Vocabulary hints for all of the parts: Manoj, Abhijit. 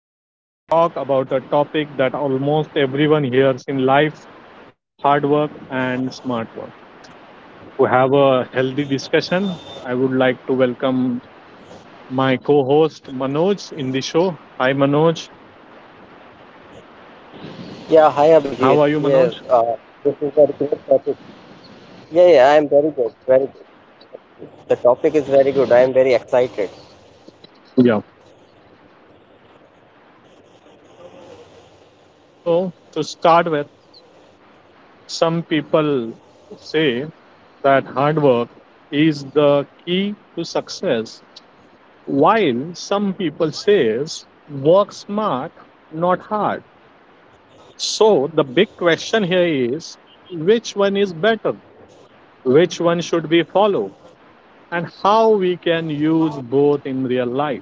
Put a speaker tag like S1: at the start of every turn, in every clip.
S1: we are going to talk about a topic that almost everyone hears in life, hard work and smart work. To have a healthy discussion, I would like to welcome my co host, Manoj, in the show. Hi, Manoj.
S2: Yeah, hi
S1: How
S2: Abhijit.
S1: are you, Manoj?
S2: Yes, this is a great topic. Yeah, yeah, I am very good. Very good. The topic is very good. I am very excited.
S1: Yeah. So, to start with, some people say that hard work is the key to success, while some people says work smart, not hard. So the big question here is, which one is better, which one should we follow, and how we can use both in real life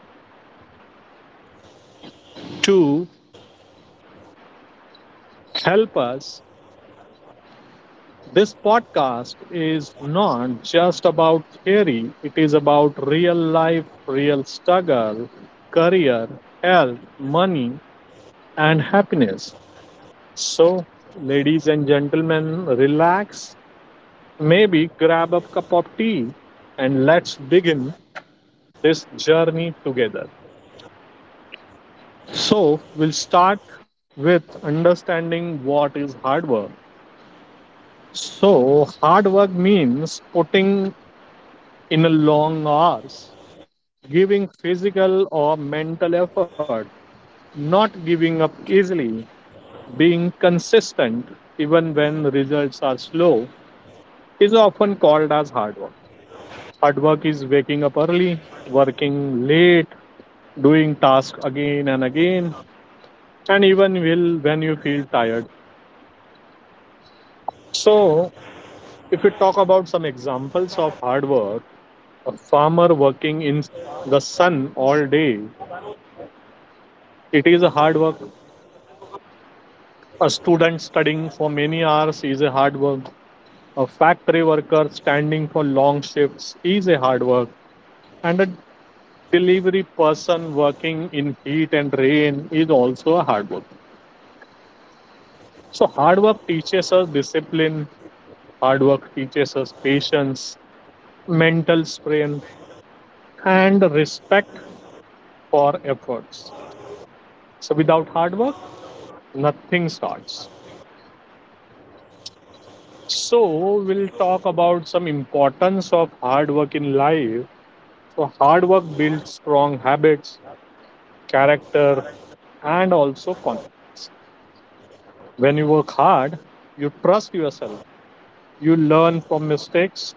S1: to help us. This podcast is not just about theory, it is about real life, real struggle, career, health, money, and happiness. So, ladies and gentlemen, relax, maybe grab a cup of tea, and let's begin this journey together. So, we'll start with understanding what is hard work. So, hard work means putting in a long hours, giving physical or mental effort, not giving up easily, being consistent even when results are slow, is often called as hard work. Hard work is waking up early, working late, doing tasks again and again, and even will when you feel tired. So, if we talk about some examples of hard work, a farmer working in the sun all day, it is a hard work. A student studying for many hours is a hard work. A factory worker standing for long shifts is a hard work. And a delivery person working in heat and rain is also a hard work. So hard work teaches us discipline, hard work teaches us patience, mental strength, and respect for efforts. So without hard work, nothing starts. So we'll talk about some importance of hard work in life. So hard work builds strong habits, character, and also confidence. When you work hard, you trust yourself, you learn from mistakes,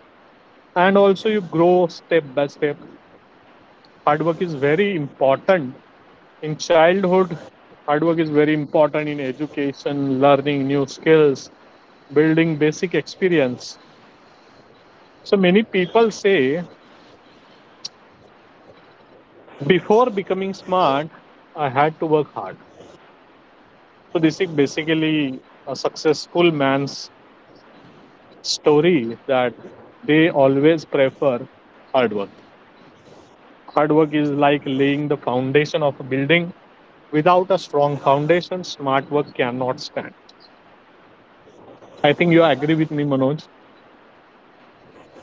S1: and also you grow step by step. Hard work is very important in childhood. Hard work is very important in education, learning new skills, building basic experience. So many people say, before becoming smart, I had to work hard. So this is basically a successful man's story, that they always prefer hard work. Hard work is like laying the foundation of a building. Without a strong foundation, smart work cannot stand. I think you agree with me, Manoj.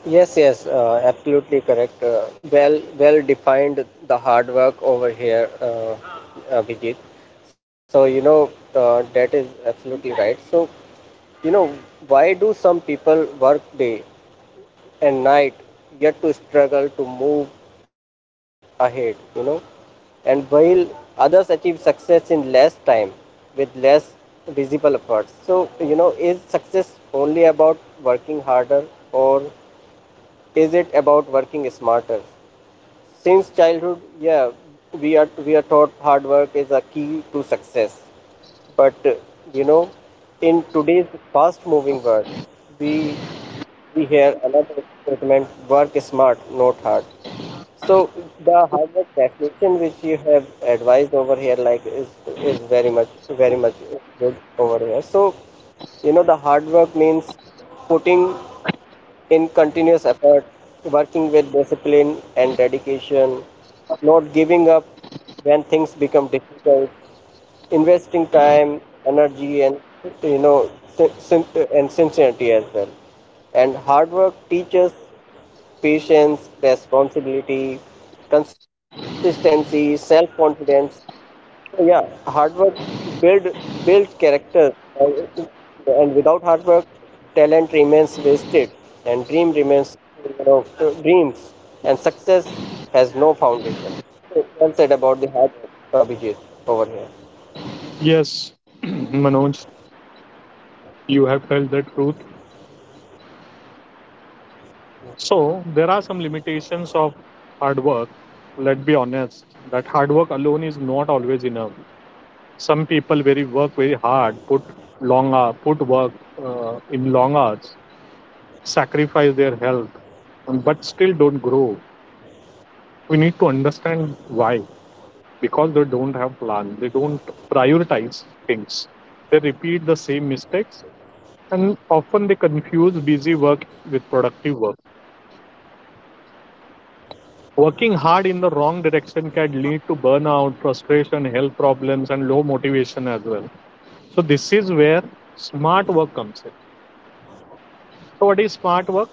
S2: Yes, Absolutely correct. Well defined the hard work over here, Abhijit. So you know, that is absolutely right. So you know, why do some people work day and night yet to struggle to move ahead, you know, and while others achieve success in less time with less visible efforts? So you know, is success only about working harder, or is it about working smarter? Since childhood, yeah, we are taught hard work is a key to success. But you know, in today's fast moving world, we we hear another statement: work smart, not hard. So the hard work definition which you have advised over here, like, is very much, very much good over here. So you know, the hard work means putting in continuous effort, working with discipline and dedication, not giving up when things become difficult, investing time, energy, and, you know, and sincerity as well. And hard work teaches patience, responsibility, consistency, self-confidence. So yeah, hard work build builds character, and, and without hard work, talent remains wasted, and dream remains you know dreams, and success has no foundation. So, well said about the hard work, Abhijit, over here.
S1: Yes, Manoj, you have told the truth. So there are some limitations of hard work. Let's be honest that hard work alone is not always enough. Some people very work very hard, put long hour, put work in long hours, sacrifice their health, but still don't grow. We need to understand why. Because they don't have plan, they don't prioritize things, they repeat the same mistakes, and often they confuse busy work with productive work. Working hard in the wrong direction can lead to burnout, frustration, health problems, and low motivation as well. So this is where smart work comes in. So what is smart work?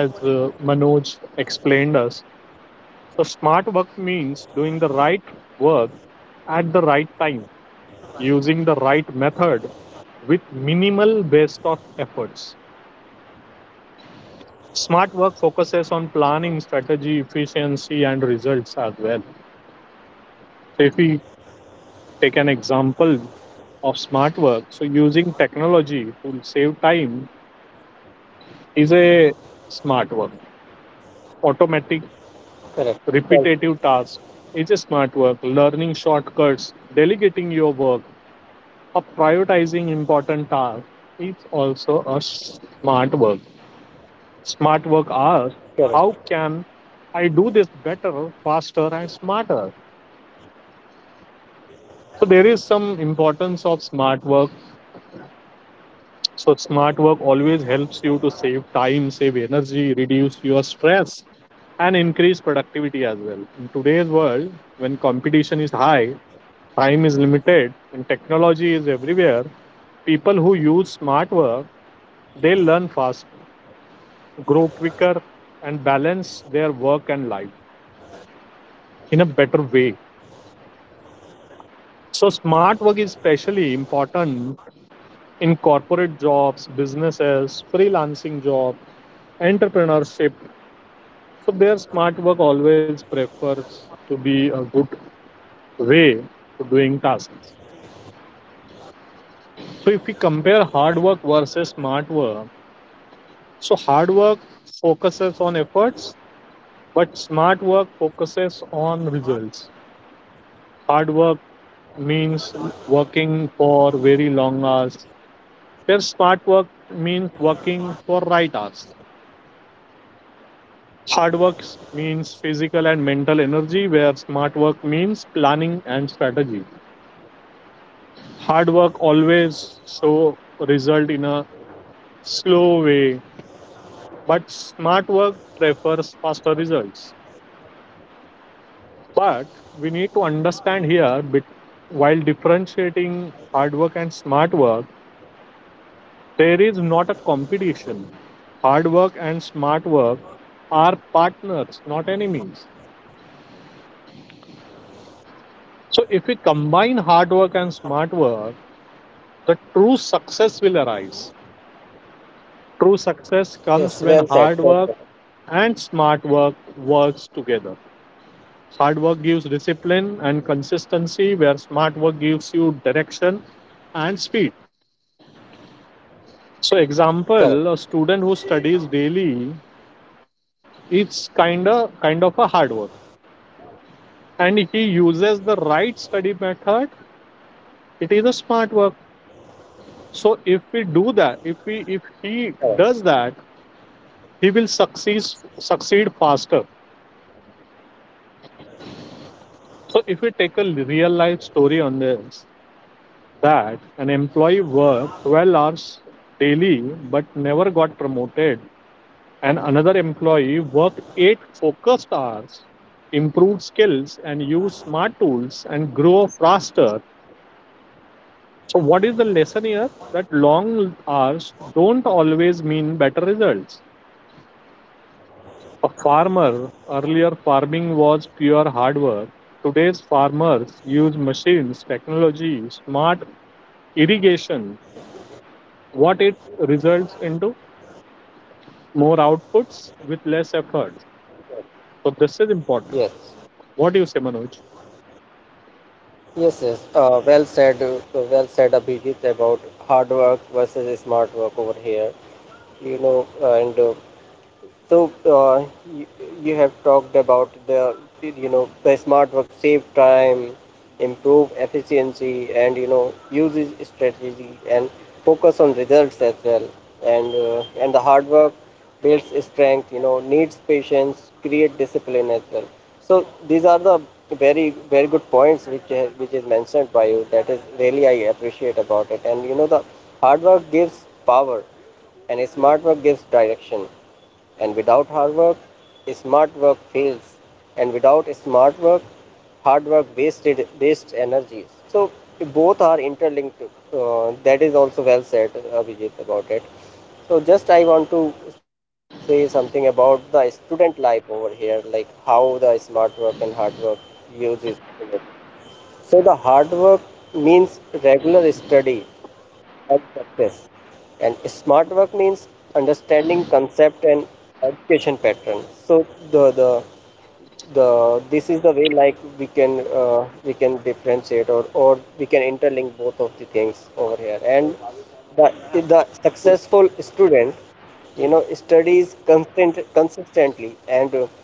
S1: As Manoj explained us, so smart work means doing the right work at the right time, using the right method, with minimal best of efforts. Smart work focuses on planning, strategy, efficiency, and results as well. So, if we take an example of smart work, so using technology to save time is a smart work. Automatic,
S2: Correct.
S1: repetitive tasks is a smart work. Learning shortcuts, delegating your work, or prioritizing important tasks is also a smart work. Smart work asks, how
S2: Correct.
S1: can I do this better, faster, and smarter? So there is some importance of smart work. So smart work always helps you to save time, save energy, reduce your stress, and increase productivity as well. In today's world, when competition is high, time is limited, and technology is everywhere, people who use smart work, they learn fast, grow quicker, and balance their work and life in a better way. So, smart work is especially important in corporate jobs, businesses, freelancing job, entrepreneurship. So, their smart work always prefers to be a good way to doing tasks. So, if we compare hard work versus smart work, so hard work focuses on efforts, but smart work focuses on results. Hard work means working for very long hours, their smart work means working for right hours. Hard work means physical and mental energy, where smart work means planning and strategy. Hard work always show result in a slow way, but smart work prefers faster results. But we need to understand here, while differentiating hard work and smart work, there is not a competition. Hard work and smart work are partners, not enemies. So, if we combine hard work and smart work, the true success will arise. True success comes
S2: Yes,
S1: when
S2: well said.
S1: hard
S2: Well
S1: work
S2: said.
S1: and smart work works together. Hard work gives discipline and consistency, where smart work gives you direction and speed. So,
S2: Correct.
S1: example, a student who studies daily, it's kind of a hard work, and if he uses the right study method, it is a smart work. So, if we do that, if
S2: Correct.
S1: he does that, he will succeed faster. So if we take a real life story on this, that an employee worked 12 hours daily but never got promoted, and another employee worked 8 focused hours, improved skills, and used smart tools and grew faster. So what is the lesson here? That long hours don't always mean better results. A farmer, earlier farming was pure hard work. Today's farmers use machines, technology, smart irrigation. What it results into, more outputs with less efforts. So this is important.
S2: Yes.
S1: What do you say, Manoj?
S2: Yes, yes. Well said. Well said, Abhijit, about hard work versus smart work over here. You know, and So uh, you, you have talked about the you know the smart work save time, improve efficiency, and you know, uses strategy and focus on results as well. And the hard work builds strength. You know, needs patience, create discipline as well. So these are the very very good points which is mentioned by you. That is really I appreciate about it. And you know, the hard work gives power, and smart work gives direction, and without hard work, smart work fails. And without smart work, hard work waste energies. So both are interlinked. That is also well said, Abhijit, about it. So just I want to say something about the student life over here, like how the smart work and hard work uses it. So the hard work means regular study and success. And smart work means understanding concept and education pattern. So the the the this is the way like we can, we can differentiate or we can interlink both of the things over here. And the the successful student, you know, studies constant consistently and,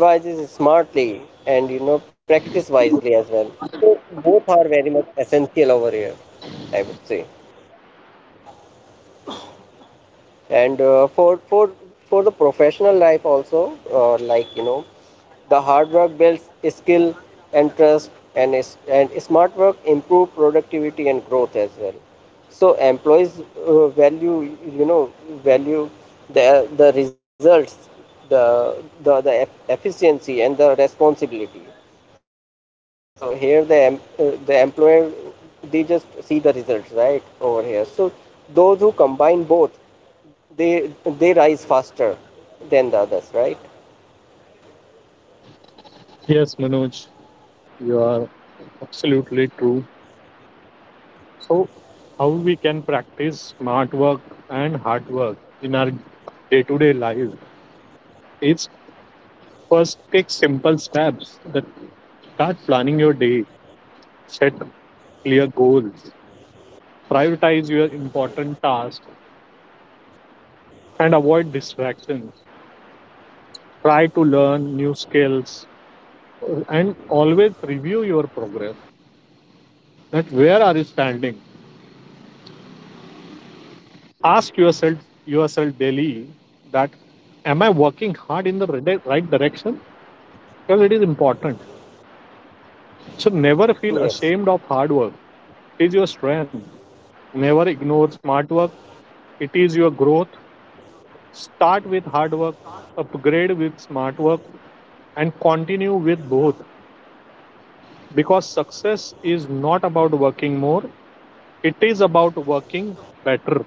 S2: revises smartly, and you know, practice wisely as well. So both are very much essential over here, I would say. And for the professional life also, like you know, the hard work builds skill and trust, and smart work improve productivity and growth as well. So employees, value, you know value the results, the the efficiency and the responsibility. So here the the employer, they just see the results, right, over here. So those who combine both, they they rise faster than the others, right?
S1: Yes, Manoj, you are absolutely true. So how we can practice smart work and hard work in our day-to-day life is, first take simple steps, that start planning your day, set clear goals, prioritize your important tasks, and avoid distractions. Try to learn new skills and always review your progress. That where are you standing? Ask yourself daily that, am I working hard in the right direction? Because it is important. So never feel ashamed of
S2: Yes,
S1: hard work. It is your strength. Never ignore smart work. It is your growth. Start with hard work, upgrade with smart work, and continue with both, because success is not about working more, it is about working better.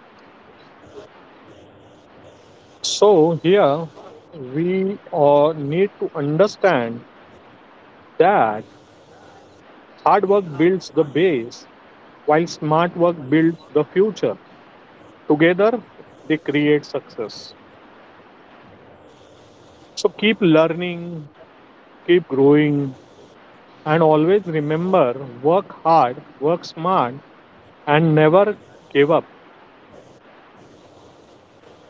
S1: So here we need to understand that hard work builds the base, while smart work builds the future. Together they create success. So keep learning, keep growing, and always remember, work hard, work smart, and never give up.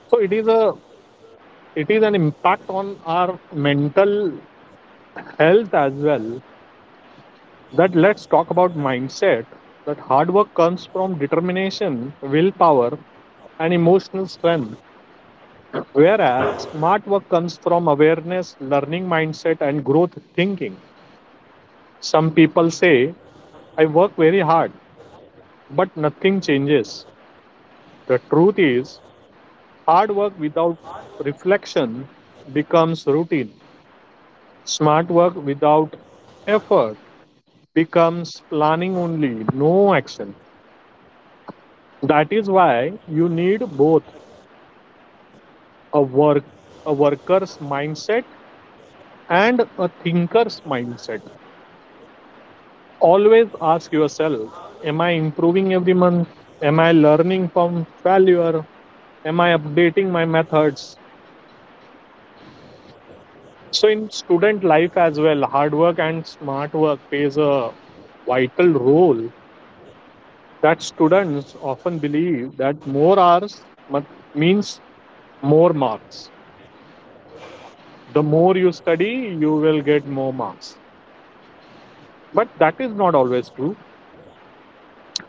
S1: So it is a, it is an impact on our mental health as well. That, let's talk about mindset. That hard work comes from determination, willpower, and emotional strength, whereas smart work comes from awareness, learning mindset, and growth thinking. Some people say, I work very hard but nothing changes. The truth is, hard work without reflection becomes routine. Smart work without effort becomes planning only, no action. That is why you need both, a work, a worker's mindset and a thinker's mindset. Always ask yourself, am I improving every month? Am I learning from failure? Am I updating my methods? So in student life as well, hard work and smart work plays a vital role. That students often believe that more hours means more marks. The more you study, you will get more marks. But that is not always true.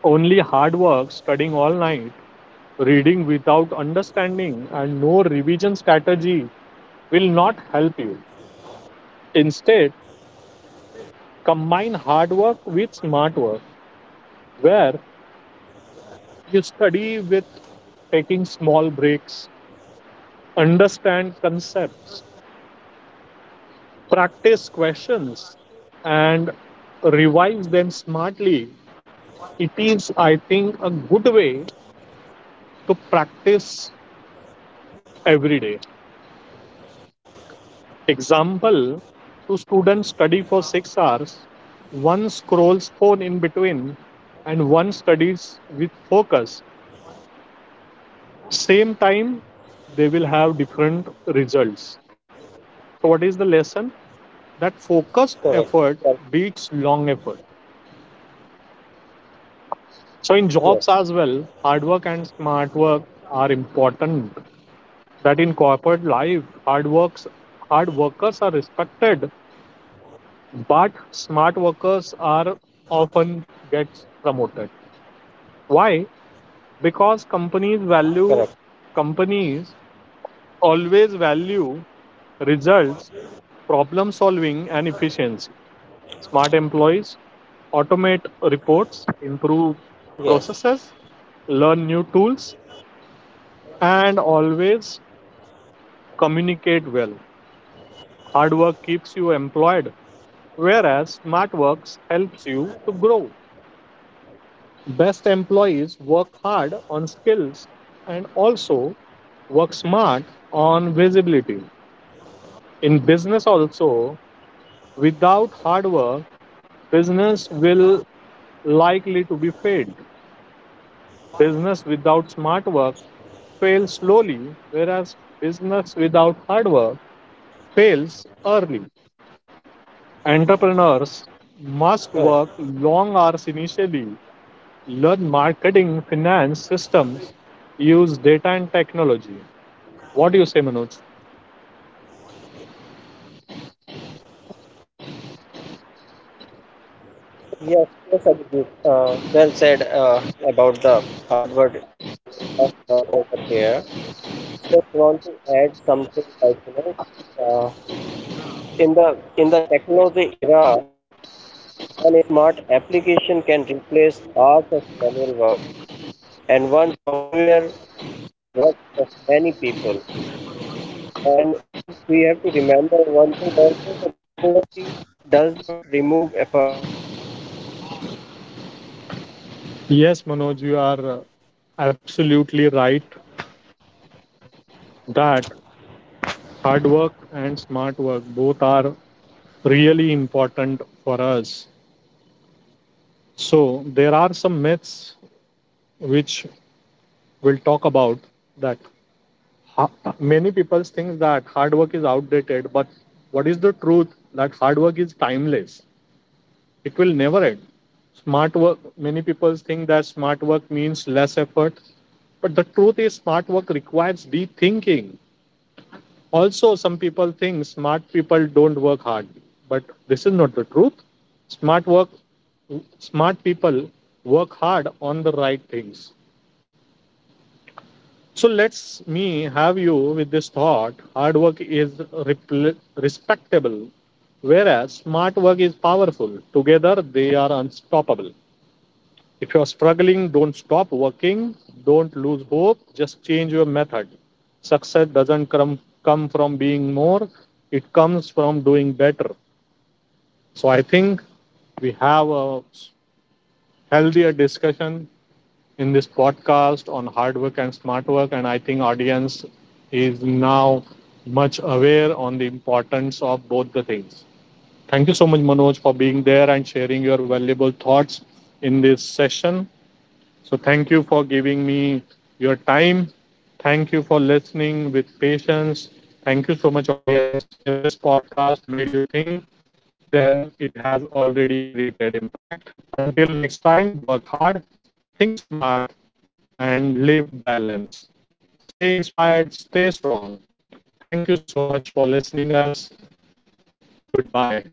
S1: Only hard work, studying all night, reading without understanding, and no revision strategy will not help you. Instead, combine hard work with smart work, where you study with taking small breaks, understand concepts, practice questions, and revise them smartly. It is, I think, a good way to practice every day. Example, two students study for 6 hours, one scrolls phone in between, and one studies with focus. Same time, they will have different results. So, what is the lesson? That
S2: correct.
S1: focused
S2: Cor-
S1: effort beats long effort. So, in
S2: Yeah,
S1: jobs as well, hard work and smart work are important. That in corporate life, hard workers are respected, but smart workers are often gets promoted. Why? Because
S2: correct.
S1: companies always value results, problem solving, and efficiency. Smart employees automate reports, improve
S2: Yes,
S1: processes, learn new tools, and always communicate well. Hard work keeps you employed, whereas smart works helps you to grow. Best employees work hard on skills and also work smart on visibility. In business also, without hard work, business will likely to be failed. Business without smart work fails slowly, whereas business without hard work fails early. Entrepreneurs must work
S2: correct.
S1: long hours initially, learn marketing, finance systems, use data and technology. What do you say, Manoj?
S2: Yes, yes, Abhijit. Well said about the hardware, uh, laptop over here. So, just want to add something like, you know, uh, in the technology era, one smart application can replace hours of manual work, and one software can do the work of many people. And we have to remember one thing also
S1: Yes, Manoj, you are absolutely right that hard work and smart work both are really important for us. So, there are some myths which we'll talk about. That many people think that hard work is outdated, but what is the truth? That hard work is timeless. It will never end. Smart work, many people think that smart work means less effort, but the truth is, smart work requires deep thinking. Also some people think smart people don't work hard, but this is not the truth. Smart work, smart people work hard on the right things. So let's, me have you with this thought, hard work is repl- respectable, whereas smart work is powerful. Together they are unstoppable. If you're struggling, don't stop working. Don't lose hope. Just change your method. Success doesn't come from being more, it comes from doing better. So I think we have a healthier discussion in this podcast on hard work and smart work. And I think audience is now much aware on the importance of both the things. Thank you so much, Manoj, for being there and sharing your valuable thoughts in this session. So thank you for giving me your time. Thank you for listening with patience. Thank you so much, audience. If this podcast made you think, then it has already created impact. Until next time, work hard, think smart, and live balance. Stay inspired, stay strong. Thank you so much for listening us. Goodbye.